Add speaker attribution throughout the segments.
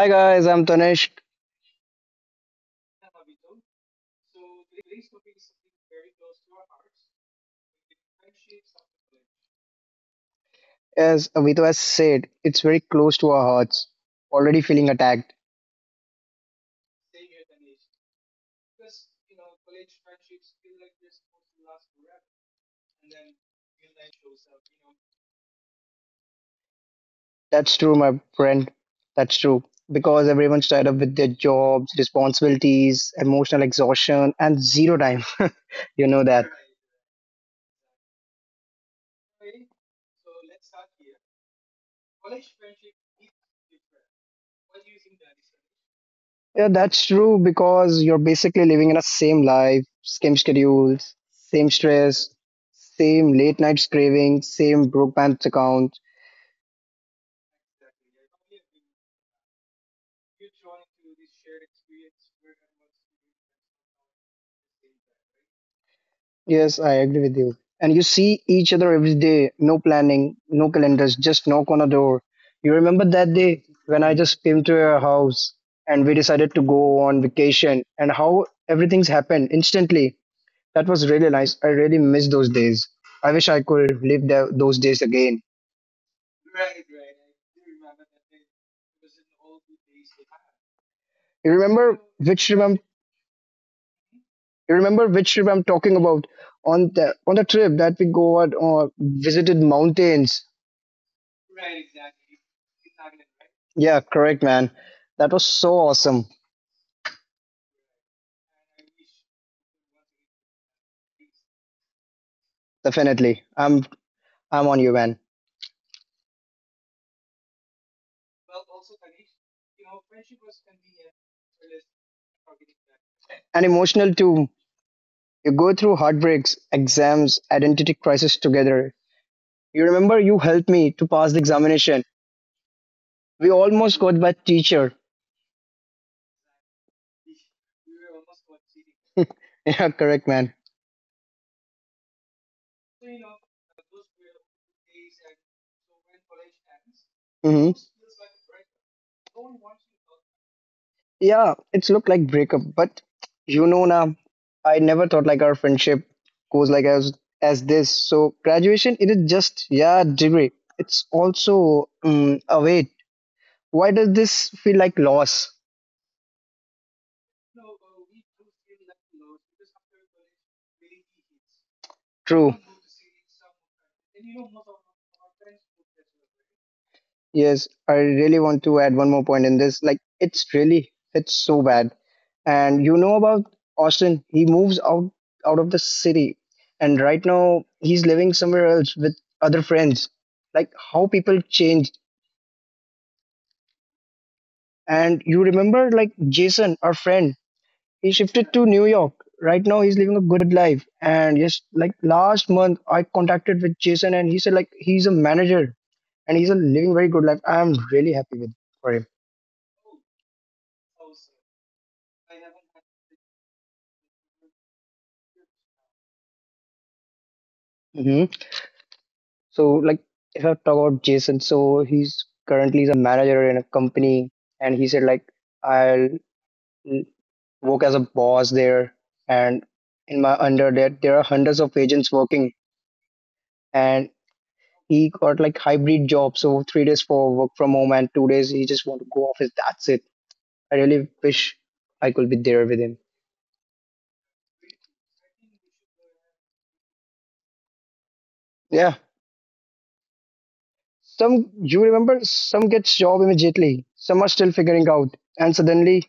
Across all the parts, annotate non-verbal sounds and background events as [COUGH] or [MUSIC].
Speaker 1: Hi guys, I'm Tanishq. As Avito has said, it's very close to our hearts. Already feeling attacked. That's true, my friend. That's true. Because everyone's tied up with their jobs, responsibilities, emotional exhaustion, and zero time. [LAUGHS] You know that. Yeah, that's true, because you're basically living in a same life, same schedules, same stress, same late nights craving, same broke bank account. Yes, I agree with you. And you see each other every day, no planning, no calendars, just knock on a door. You remember that day when I just came to your house and we decided to go on vacation and how everything's happened instantly. That was really nice. I really miss those days. I wish I could live those days again. You remember which trip I'm, you remember which trip I'm talking about on the trip that we go out or visited mountains. Yeah, correct, man. That was so awesome. Definitely. I'm on you, man. And emotional too. You go through heartbreaks, exams, identity crisis together. You remember you helped me to pass the examination. We almost got that teacher. [LAUGHS] Yeah, correct, man. Hmm. Yeah, it's looked like breakup, but you know now, I never thought like our friendship goes like as this. So graduation, it is just yeah degree. It's also a wait. Why does this feel like loss? True. Yes, I really want to add one more point in this. Like, it's so bad. And you know about Austin? He moves out of the city, and right now he's living somewhere else with other friends. Like how people changed. And you remember like Jason, our friend, he shifted to New York. Right now, he's living a good life. And yes, like last month, I contacted with Jason, and he said like he's a manager and he's a living very good life. I'm really happy with for him. hmm So like if I talk about Jason, so he's currently is a manager in a company, and he said like I'll work as a boss there, and in my under that there are hundreds of agents working, and he got like hybrid job, so 3 days for work from home and 2 days he just want to go office. That's it. I really wish I could be there with him. Yeah. Some you remember, some gets job immediately. Some are still figuring out, and suddenly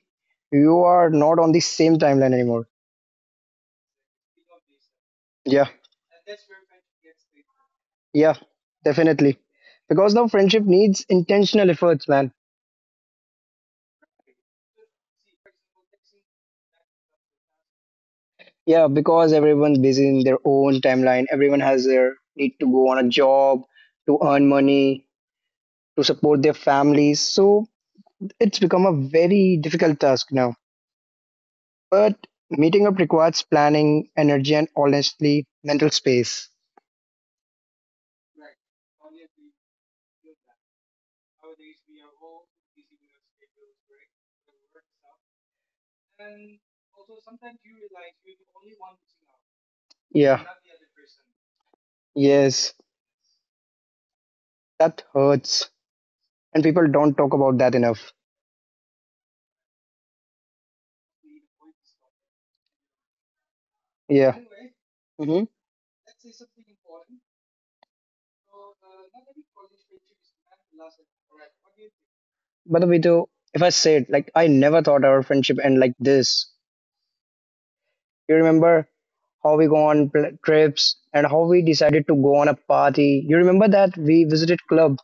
Speaker 1: you are not on the same timeline anymore. Yeah. Yeah. Definitely. Because now friendship needs intentional efforts, man. Yeah, because everyone's busy in their own timeline. Everyone has their need to go on a job, to earn money, to support their families. So it's become a very difficult task now, but meeting up requires planning, energy, and honestly, mental space. Yeah, yes, that hurts. And people don't talk about that enough. Yeah. Mm-hmm. By the way, though, if I say it, like, I never thought our friendship end like this. You remember how we go on trips and how we decided to go on a party? You remember that we visited club?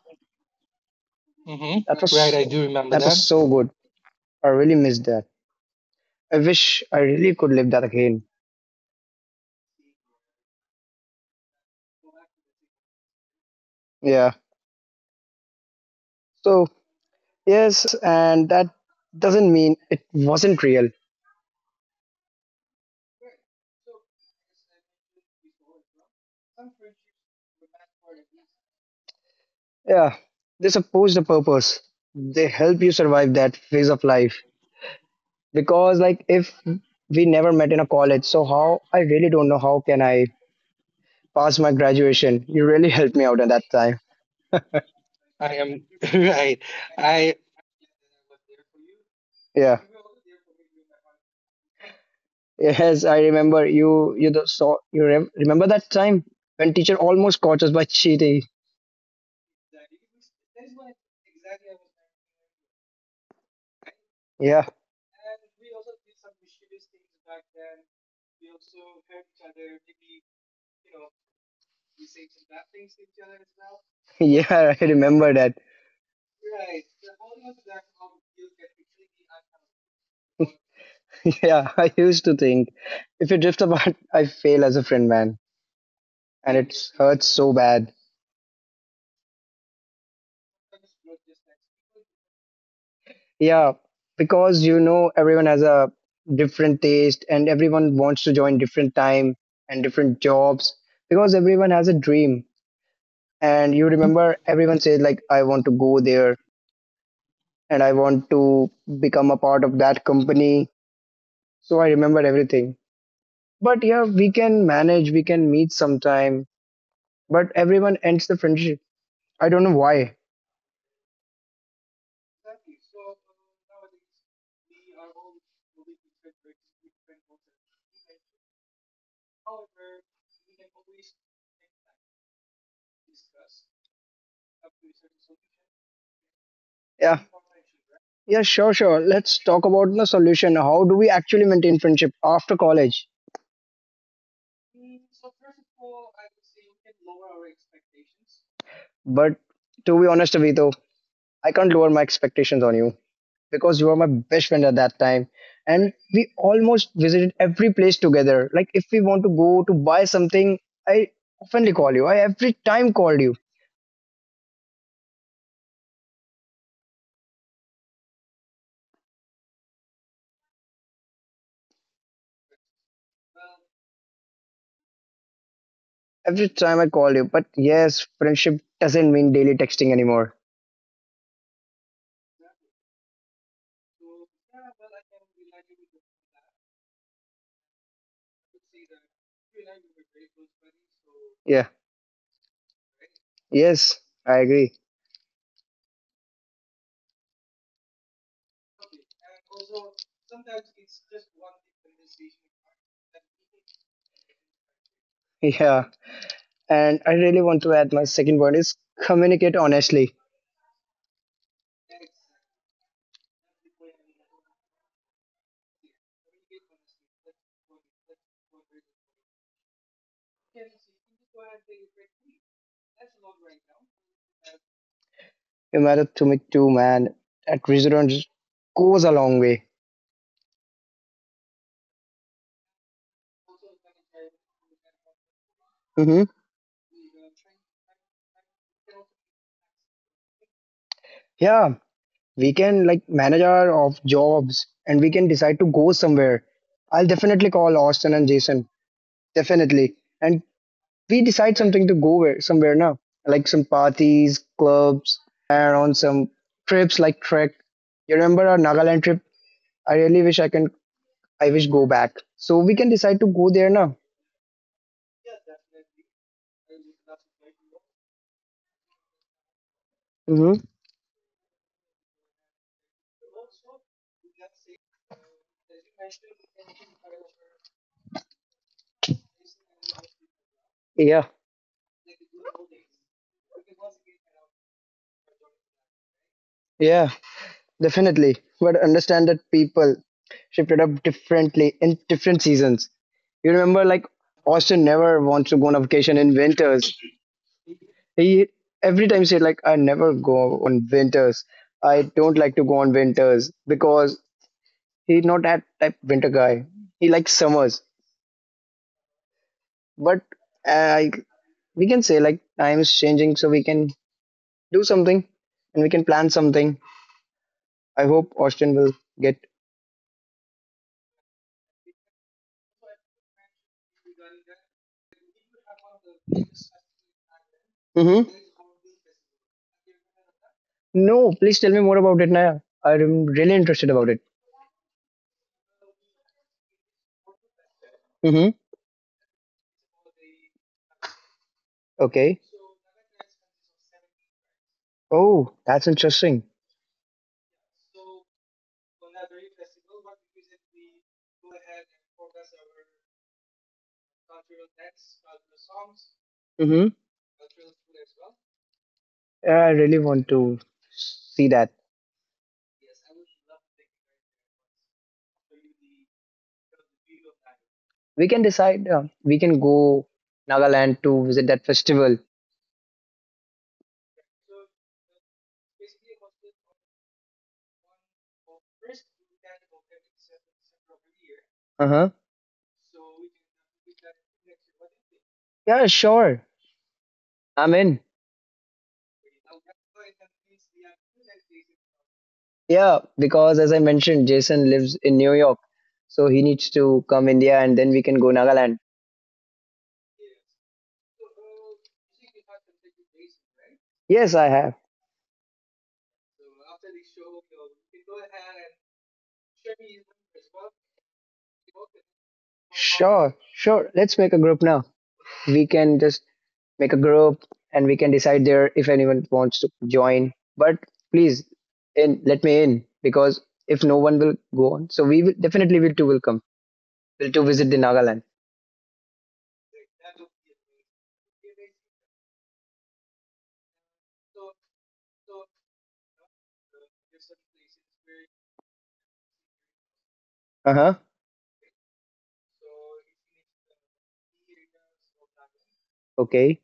Speaker 1: That was
Speaker 2: Mm-hmm. Right, I
Speaker 1: so,
Speaker 2: do remember
Speaker 1: that was
Speaker 2: that.
Speaker 1: so good. I really missed that. I wish I really could live that again. Yeah. So, yes, and that doesn't mean it wasn't real. Yeah. They supposed a purpose. They help you survive that phase of life. Because, like, if we never met in a college, so I really don't know how can I pass my graduation. You really helped me out at that time.
Speaker 2: I am [LAUGHS] right. I
Speaker 1: Yeah. Yes, I remember you. You saw. You remember that time when teacher almost caught us by cheating. Yeah, [LAUGHS] yeah, I remember that. [LAUGHS] Yeah, I used to think if you drift apart, [LAUGHS] I fail as a friend, man, and it hurts so bad. Yeah, because you know everyone has a different taste and everyone wants to join different time and different jobs because everyone has a dream. And you remember everyone says like I want to go there and I want to become a part of that company. So I remember everything. But yeah, we can manage, we can meet sometime, but everyone ends the friendship. I don't know why. Yeah. Yeah, sure, sure. Let's talk about the solution. How do we actually maintain friendship after college? But to be honest, Avito, I can't lower my expectations on you because you were my best friend at that time. And we almost visited every place together. Like if we want to go to buy something, I often call you. I every time called you. Every time I call you, but yes, friendship doesn't mean daily texting anymore. Yeah, yes, I agree. [LAUGHS] Yeah, and I really want to add my second point is communicate honestly. You matter to me too, man. That restaurant goes a long way. Mm-hmm. Yeah, we can like manage our off jobs and we can decide to go somewhere. I'll definitely call Austin and Jason, definitely, and we decide something to go where, somewhere now, like some parties, clubs, and on some trips like trek. You remember our Nagaland trip? I really wish I can. I wish go back. So we can decide to go there now. Hmm. Yeah, yeah, definitely. But understand that people shifted up differently in different seasons. You remember, like Austin never wants to go on a vacation in winters. He every time said like I never go on winters. I don't like to go on winters because he's not that type winter guy. He likes summers. But I we can say like time is changing, so we can do something and we can plan something. I hope Austin will get. Hmm. No, please tell me more about it, Naya. I'm really interested about it. Hmm. Okay. Oh, that's interesting. Mm-hmm. I really want to see that. We can decide. We can go Nagaland to visit that festival. Uh huh. Yeah, sure. I'm in. Yeah, because as I mentioned, Jason lives in New York, so he needs to come India, and then we can go Nagaland. Yes, I have. Sure, sure. Let's make a group now. We can just make a group and we can decide there if anyone wants to join, but please in let me in, because if no one will go on, so we will definitely will too will come will to visit the Nagaland. Uh-huh. Okay,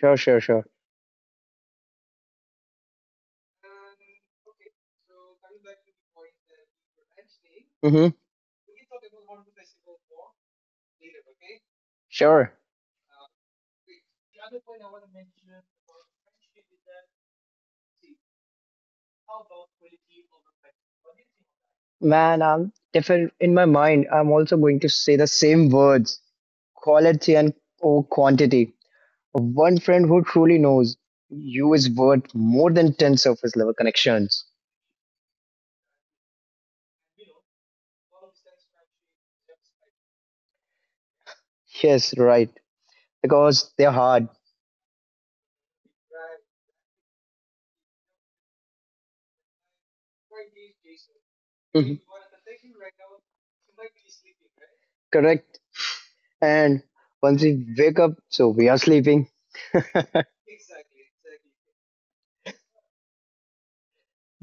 Speaker 1: sure, sure, sure. Mm-hmm. Sure, man. I'm different in my mind. I'm also going to say the same words, quality and over quantity. One friend who truly knows you is worth more than 10 surface level connections. Yes, right, because they're hard. Correct. And once we wake up, so we are sleeping. [LAUGHS]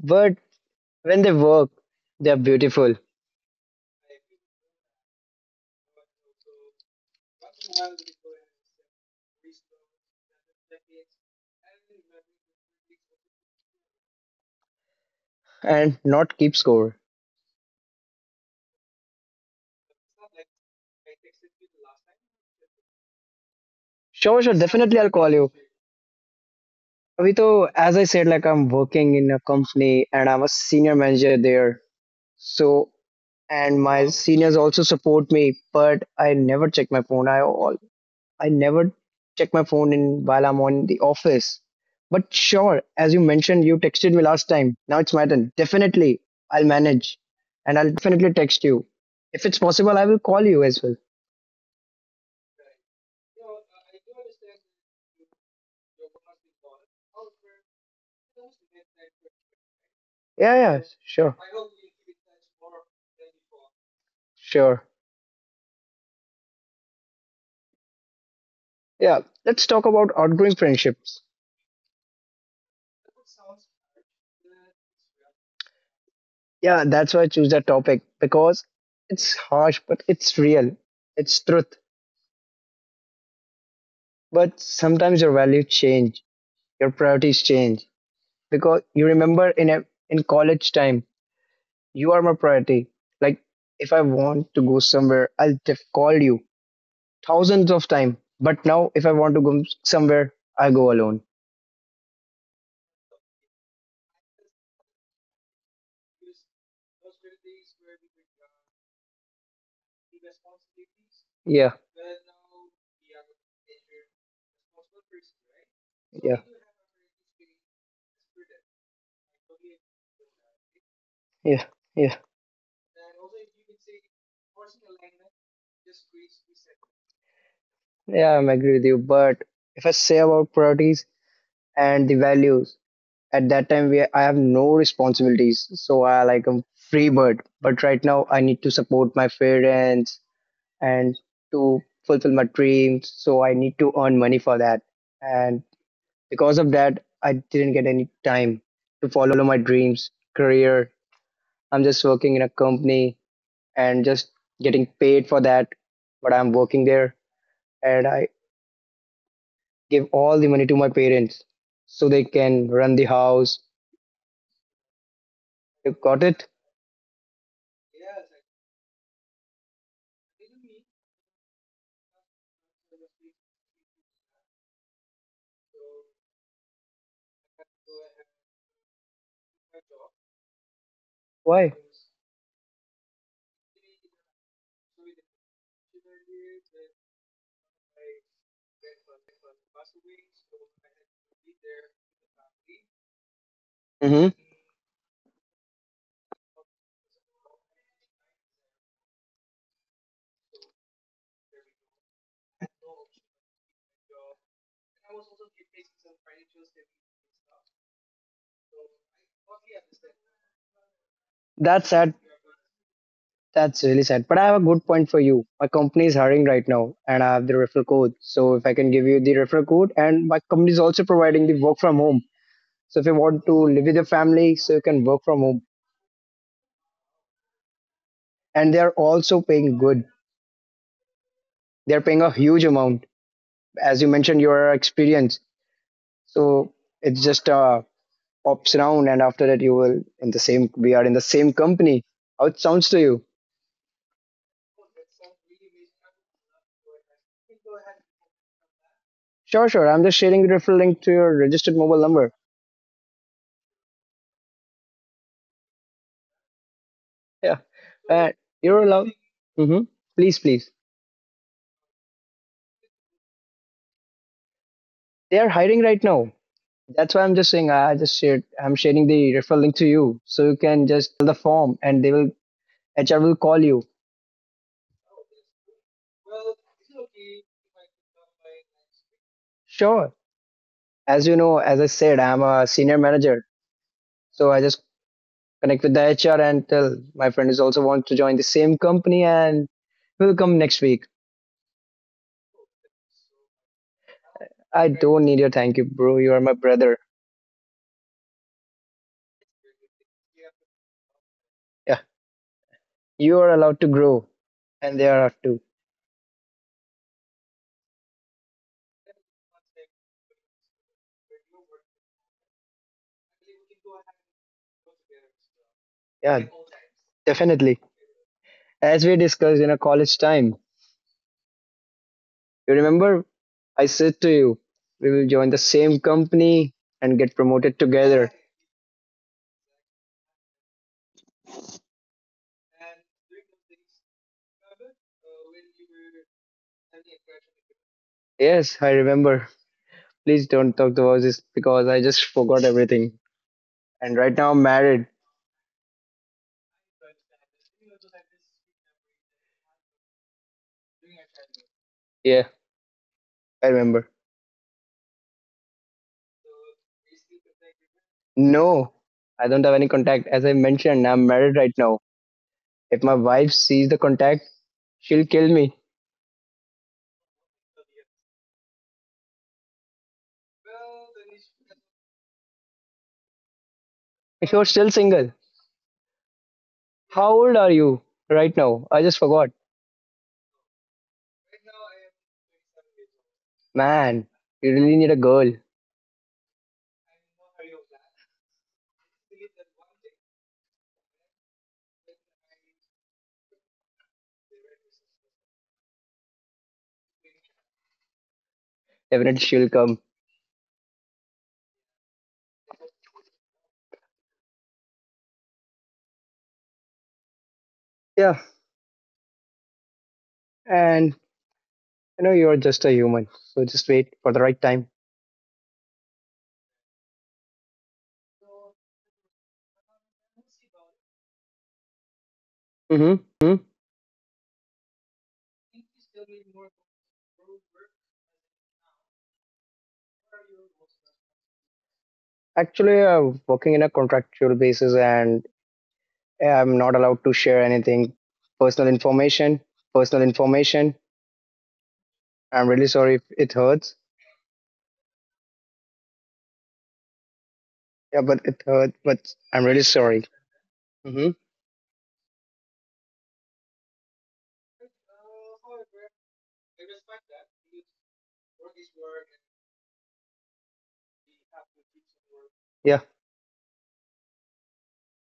Speaker 1: But when they work, they are beautiful and not keep score. Sure, sure, definitely I'll call you. Abhi to, as I said, like I'm working in a company and I'm a senior manager there. So, and my seniors also support me, but I never check my phone. I never check my phone in while I'm on the office. But sure, as you mentioned, you texted me last time. Now it's my turn. Definitely, I'll manage, and I'll definitely text you. If it's possible, I will call you as well. Yeah, yeah, sure, sure. Yeah, let's talk about outgoing friendships. Yeah, that's why I choose that topic because it's harsh, but it's real. It's truth. But sometimes your values change, your priorities change, because you remember in college time you are my priority. Like if I want to go somewhere, I'll call you thousands of time, but now if I want to go somewhere, I go alone. Yeah, yeah, yeah, yeah, I'm agree with you. But if I say about priorities and the values at that time, we I have no responsibilities, so I like a free bird. But right now I need to support my parents and to fulfill my dreams. So I need to earn money for that. And because of that, I didn't get any time to follow my dreams, career. I'm just working in a company and just getting paid for that. But I'm working there and I give all the money to my parents so they can run the house. You got it? Why? Mm-hmm. That's sad. That's really sad. But I have a good point for you. My company is hiring right now and I have the referral code. So if I can give you the referral code and my company is also providing the work from home. So if you want to live with your family, so you can work from home. And they're also paying good. They're paying a huge amount. As you mentioned, your experience. So it's just a pops around and after that you will in the same we are in the same company. How it sounds to you. Sure, sure. I'm just sharing the referral link to your registered mobile number. Yeah. Uh, you're allowed. Hmm. Please, please. They are hiring right now. That's why I'm just saying. I just shared. I'm sharing the referral link to you, so you can just fill the form, and they will HR will call you. Sure. As you know, as I said, I'm a senior manager, so I just connect with the HR and tell my friend is also want to join the same company, and will come next week. I don't need your thank you, bro. You are my brother. Yeah, you are allowed to grow, and they are too. Yeah, definitely. As we discussed in a college time, you remember I said to you, we will join the same company and get promoted together. Yes, I remember. Please don't talk about this because I just forgot everything. And right now I'm married. Yeah, I remember. No, I don't have any contact. As I mentioned, I'm married right now. If my wife sees the contact, she'll kill me. If you're still single, how old are you right now? I just forgot. Man, you really need a girl. Definitely she'll come. Yeah, and you know you're just a human, so just wait for the right time. Hmm. Actually, working in a contractual basis and I'm not allowed to share anything personal information. I'm really sorry if it hurts. Yeah, but it hurt, but I'm really sorry. Hmm. Yeah,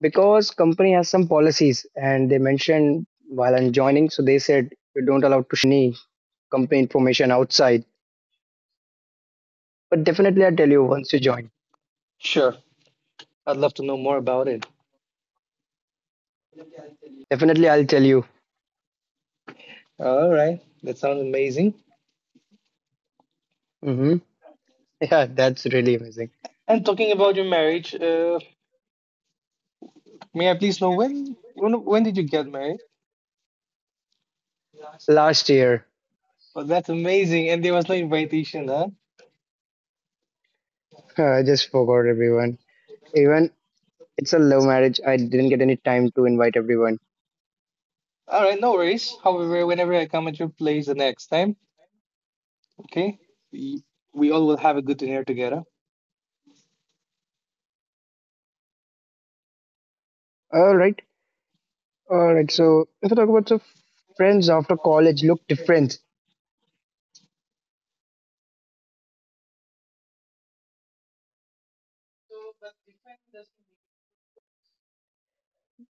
Speaker 1: because company has some policies and they mentioned while I'm joining, so they said you don't allowed to share any company information outside, but definitely I'll tell you once you join.
Speaker 2: Sure. I'd love to know more about it.
Speaker 1: Definitely I'll tell you.
Speaker 2: All right. That sounds amazing.
Speaker 1: Hmm. [LAUGHS] Yeah, that's really amazing.
Speaker 2: And talking about your marriage, may I please know when did you get married?
Speaker 1: Last year,
Speaker 2: Oh, that's amazing. And there was no invitation, huh?
Speaker 1: [LAUGHS] I just forgot everyone. Even it's a love marriage. I didn't get any time to invite everyone.
Speaker 2: All right, no worries. However, whenever I come at your place the next time, okay, we, we all will have a good dinner together.
Speaker 1: All right, all right. So if I talk about, so friends after college look different.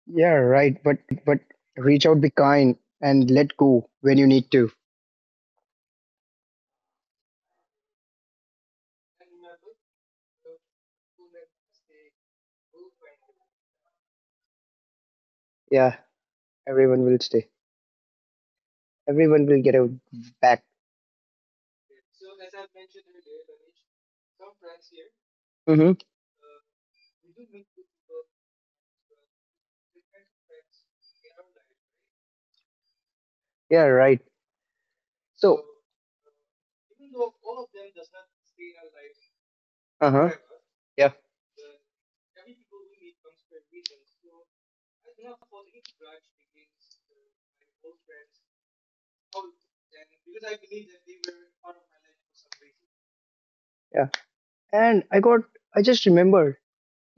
Speaker 1: Yeah, right. But reach out, be kind, and let go when you need to. Yeah, everyone will stay. Everyone will get out back. Mm-hmm. Yeah, right. So, uh huh. Yeah, yeah. And I got. I just remembered.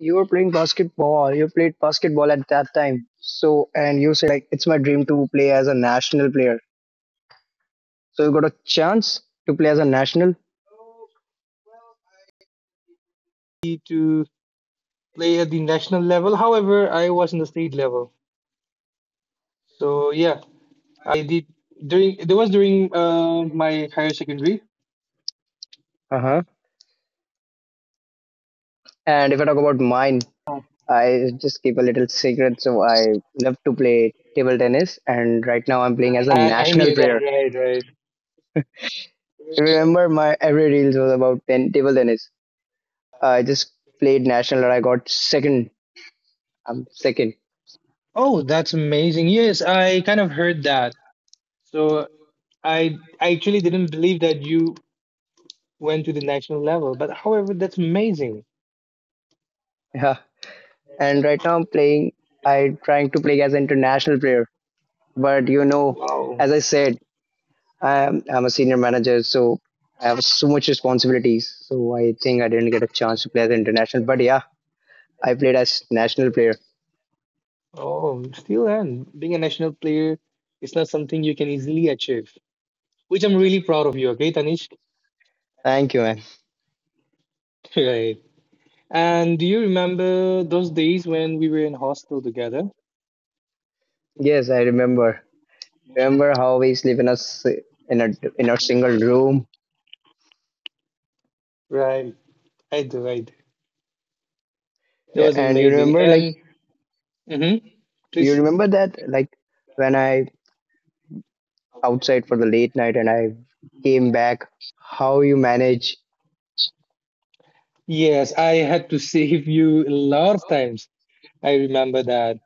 Speaker 1: You were playing basketball. You played basketball at that time. So, and you said like it's my dream to play as a national player. So you got a chance to play as a national.
Speaker 2: To play at the national level, however, I was in the state level. So yeah, I did during there was during my higher secondary.
Speaker 1: Uh-huh. And if I talk about mine, I just keep a little secret. So I love to play table tennis, and right now I'm playing as a
Speaker 2: That. I
Speaker 1: national
Speaker 2: knew that.
Speaker 1: player.
Speaker 2: Right, right.
Speaker 1: If remember my every reels was about ten, table tennis, I just played national and I got second. I'm second.
Speaker 2: Oh, that's amazing. Yes, I kind of heard that. So I actually didn't believe that you went to the national level, but however, that's amazing.
Speaker 1: [LAUGHS] Yeah, and right now I'm playing, I'm trying to play as an international player. But you know,
Speaker 2: Wow.
Speaker 1: as I said, I'm a senior manager, so I have so much responsibilities. So I think I didn't get a chance to play as international. But yeah, I played as national player.
Speaker 2: Oh, still and being a national player is not something you can easily achieve, which I'm really proud of you, okay, Tanish? [LAUGHS]
Speaker 1: Thank you, man.
Speaker 2: Right. And do you remember those days when we were in hostel together?
Speaker 1: Yes, I remember. Remember how we sleep in a in a single room,
Speaker 2: Right. I do, I do. That was
Speaker 1: and you
Speaker 2: amazing.
Speaker 1: remember like
Speaker 2: And mhm,
Speaker 1: you
Speaker 2: please,
Speaker 1: remember that, like when I outside for the late night and I came back, how you manage? [LAUGHS]
Speaker 2: yes, I had to save you a lot of times. I remember that.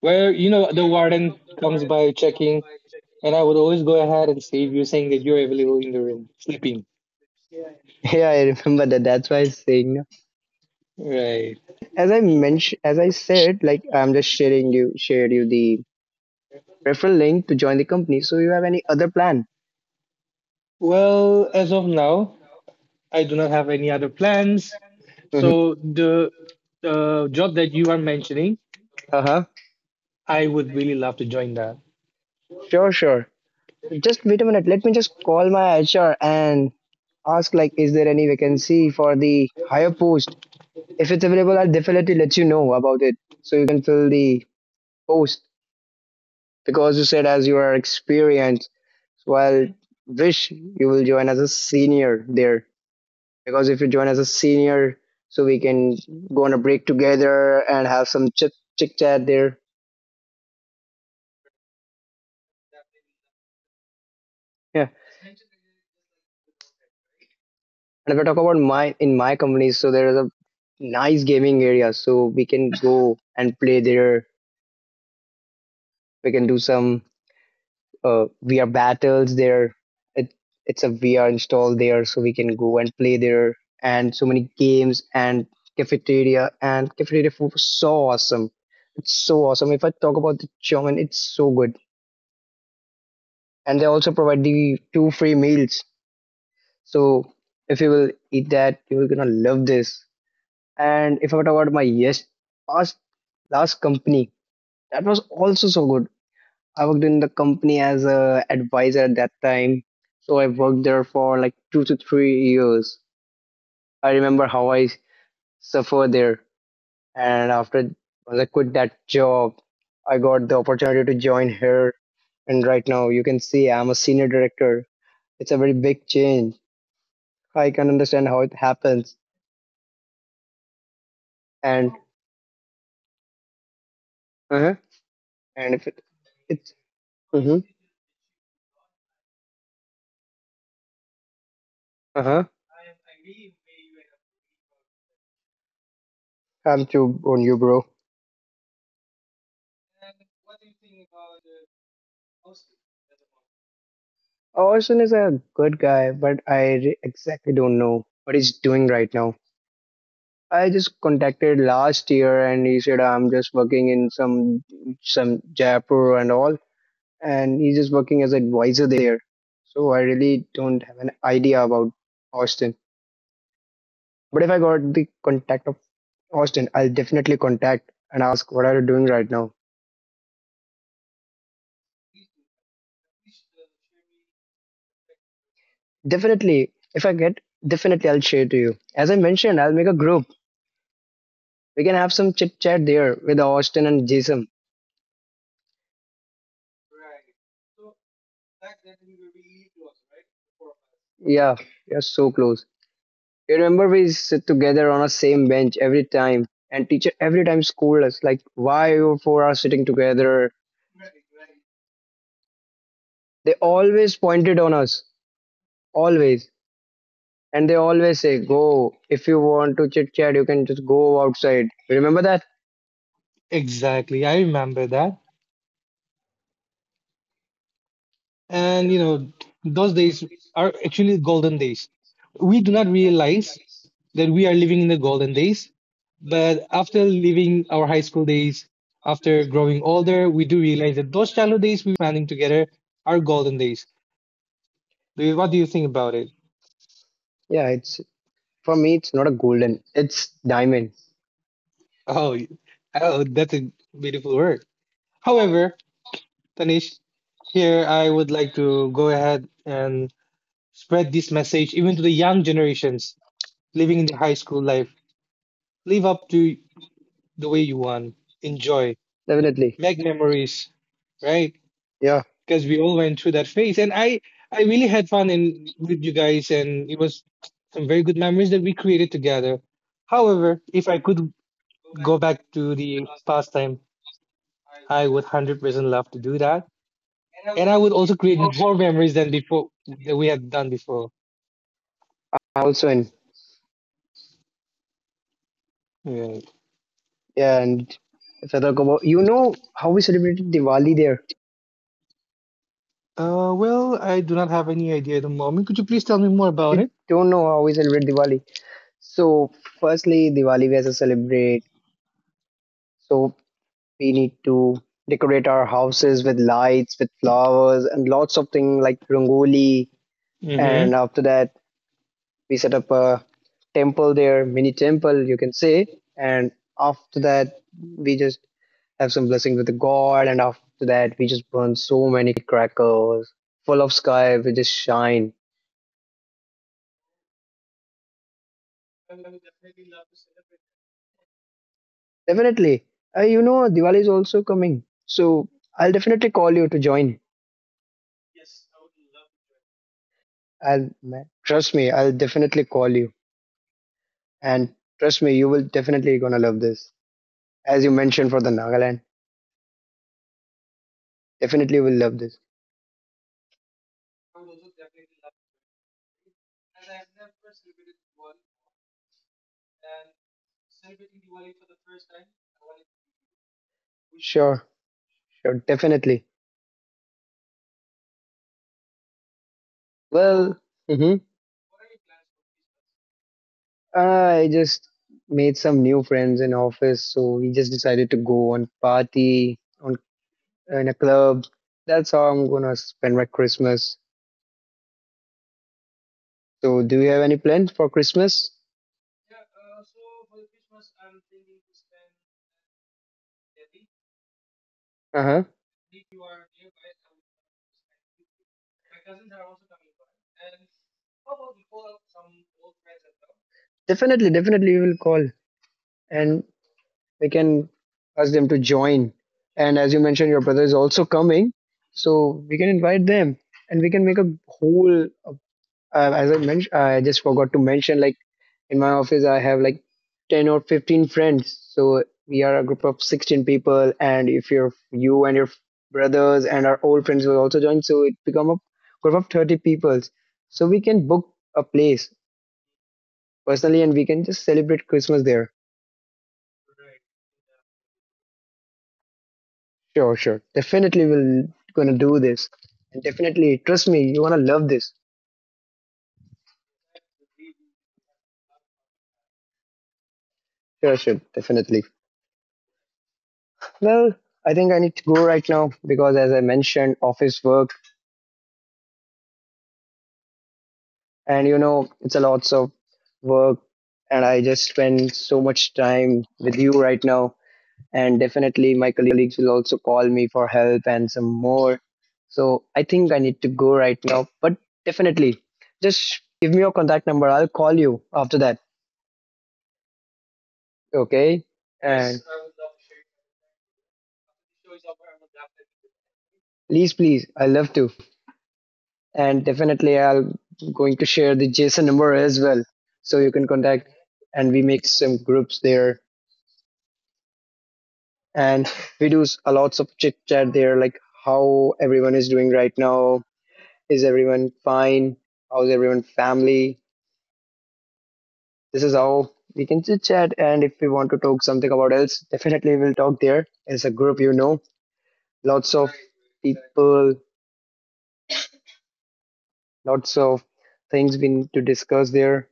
Speaker 2: Where, you know, the warden comes by checking, and I would always go ahead and save you, saying that you're available in the room, sleeping.
Speaker 1: Yeah, I remember that. That's why I was saying.
Speaker 2: Right.
Speaker 1: And as I mentioned, as I said, like I'm just sharing you, shared you the referral link to join the company. So you have any other plan?
Speaker 2: Well, as of now, I do not have any other plans.
Speaker 1: Mm-hmm.
Speaker 2: So the job that you are mentioning,
Speaker 1: Uh-huh.
Speaker 2: I would really love to join that.
Speaker 1: Sure, sure. Just wait a minute. Let me just call my HR and ask like, is there any vacancy for the higher post? If it's available, I'll definitely let you know about it. So you can fill the post because you said as you are experienced. So I'll wish you will join as a senior there. Because if you join as a senior, so we can go on a break together and have some chit chit chat there. Yeah, and if I talk about my in my company, so there is a nice gaming area, so we can go and play there. We can do some VR battles there. It it's a VR installed there, so we can go and play there, and so many games and cafeteria food was so awesome. It's so awesome. If I talk about the German, it's so good. And they also provide the two free meals, so if you will eat that, you're gonna love this. And if I talk about my yes past last company, that was also so good. I worked in the company as a advisor at that time, so I worked there for like 2 to 3 years. I remember how I suffered there, and after when I quit that job, I got the opportunity to join here, and right now you can see I'm a senior director. It's a very big change. I can understand how it happens, and uh-huh. And if it, it's uh-huh, uh-huh. I'm too on you, bro. Orson is a good guy, but exactly don't know what he's doing right now. I just contacted last year, and he said I'm just working in some Jaipur and all, and he's just working as advisor there. So I really don't have an idea about Austin. But if I got the contact of Austin, I'll definitely contact and ask what are you doing right now. Definitely, if I get, definitely I'll share to you. As I mentioned, I'll make a group. We can have some chit chat there with Austin and Jason. Yeah, you're so close. You remember we sit together on a same bench every time, and teacher every time scold us like, why you four are sitting together? They always pointed on us, always, and they always say, go. If you want to chit chat, you can just go outside. You remember that?
Speaker 2: Exactly. I remember that. And, you know, those days are actually golden days. We do not realize that we are living in the golden days, but after living our high school days, after growing older, we do realize that those childhood days we spending together are golden days. What do you think about it?
Speaker 1: Yeah, it's for me. It's not a golden. It's diamond.
Speaker 2: Oh, oh, that's a beautiful word. However, Tanish, here I would like to go ahead and spread this message even to the young generations living in the high school life. Live up to the way you want. Enjoy.
Speaker 1: Definitely.
Speaker 2: Make memories, right?
Speaker 1: Yeah.
Speaker 2: Because we all went through that phase. And I really had fun in with you guys, and it was some very good memories that we created together. However, if I could go back to the past time, I would 100% love to do that. And I would also create more memories than before that we had done before.
Speaker 1: Also in,
Speaker 2: Right.
Speaker 1: yeah, and if I talk about, you know how we celebrated Diwali there.
Speaker 2: Well, I do not have any idea at the moment. Could you please tell me more about
Speaker 1: You
Speaker 2: it?
Speaker 1: don't know how we celebrate Diwali. So firstly, Diwali we as a celebrate. So we need to decorate our houses with lights, with flowers, and lots of things like rangoli.
Speaker 2: Hmm.
Speaker 1: And after that, we set up a temple there, mini temple you can say, and after that we just have some blessing with the god, and after that we just burn so many crackers, full of sky we just shine. Definitely, you know Diwali is also coming, so I'll definitely call you to join. I'll, man, trust me, I'll definitely call you, and trust me, you will definitely gonna love this. As you mentioned for the Nagaland, definitely will love this. Sure, sure, definitely. Well. [LAUGHS] Uh, I just made some new friends in office, so we just decided to go on party on in a club. That's how I'm gonna spend my Christmas. So, do you have any plans for Christmas? Uh huh. Definitely, definitely, we will call and we can ask them to join. And as you mentioned, your brother is also coming, so we can invite them and we can make a whole as I mentioned, I just forgot to mention, like in my office, I have like 10 or 15 friends. So we are a group of 16 people. And if you and your brothers and our old friends will also join, so it become a group of 30 people. So we can book a place personally and we can just celebrate Christmas there. Sure, sure. Definitely we'll gonna do this. And definitely, trust me, you want to love this. Sure, sure, definitely. Well, I think I need to go right now because as I mentioned, office work, and you know it's a lots of work, and I just spend so much time with you right now, and definitely my colleagues will also call me for help and some more. So I think I need to go right now, but definitely just give me your contact number. I'll call you after that, okay? And please, please, I love to. And definitely I'll going to share the json number as well, so you can contact and we make some groups there, and [LAUGHS] we do a lots of chit chat there, like how everyone is doing right now, is everyone fine, how's everyone family. This is how we can chit chat, and if we want to talk something about else, definitely we'll talk there. It's a group, you know, lots of people, lots of things we need to discuss there.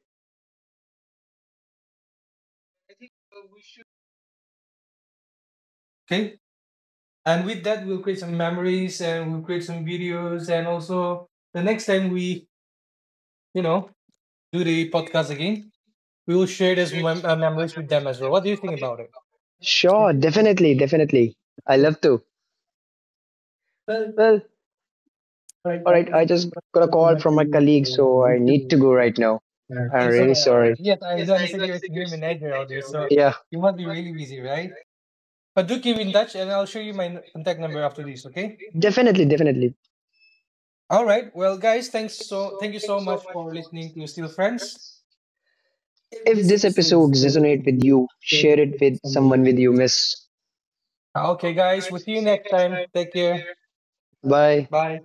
Speaker 3: Okay. And with that, we'll create some memories and we'll create some videos. And also, the next time we, you know, do the podcast again, we will share those memories with them as well. What do you think about it?
Speaker 1: Sure,
Speaker 3: Definitely,
Speaker 1: definitely,
Speaker 3: definitely.
Speaker 1: definitely, I
Speaker 3: So,
Speaker 1: love to.
Speaker 3: well,
Speaker 1: Well.
Speaker 3: right,
Speaker 1: All
Speaker 3: I
Speaker 1: right,
Speaker 3: just
Speaker 1: I just got a
Speaker 3: heard from
Speaker 1: call
Speaker 3: my
Speaker 1: from my
Speaker 3: colleague,
Speaker 1: colleague,
Speaker 3: so I
Speaker 1: so I
Speaker 3: need to
Speaker 1: need
Speaker 3: do
Speaker 1: to
Speaker 3: right
Speaker 1: go
Speaker 3: now.
Speaker 1: right now.
Speaker 3: Yeah.
Speaker 1: I'm
Speaker 3: Oh, all
Speaker 1: really
Speaker 3: right, all right.
Speaker 1: sorry.
Speaker 3: Yes, I do understand you're a senior manager out there, so
Speaker 1: Yeah,
Speaker 3: you must be really busy, right? But do keep in touch, and I'll show you my contact number after this, okay? Definitely,
Speaker 1: definitely,
Speaker 3: definitely.
Speaker 1: definitely.
Speaker 3: All right. Well, guys, thank you so much for listening to Still Friends. If
Speaker 1: If
Speaker 3: this
Speaker 1: this
Speaker 3: episode
Speaker 1: episode
Speaker 3: resonated
Speaker 1: resonate
Speaker 3: with
Speaker 1: with
Speaker 3: you,
Speaker 1: you,
Speaker 3: share
Speaker 1: share
Speaker 3: it
Speaker 1: it
Speaker 3: with
Speaker 1: with
Speaker 3: someone
Speaker 1: someone with
Speaker 3: you
Speaker 1: you
Speaker 3: wish.
Speaker 1: miss.
Speaker 3: Okay, guys, we'll see you next time. Take care. Bye.
Speaker 1: Bye.
Speaker 3: Bye.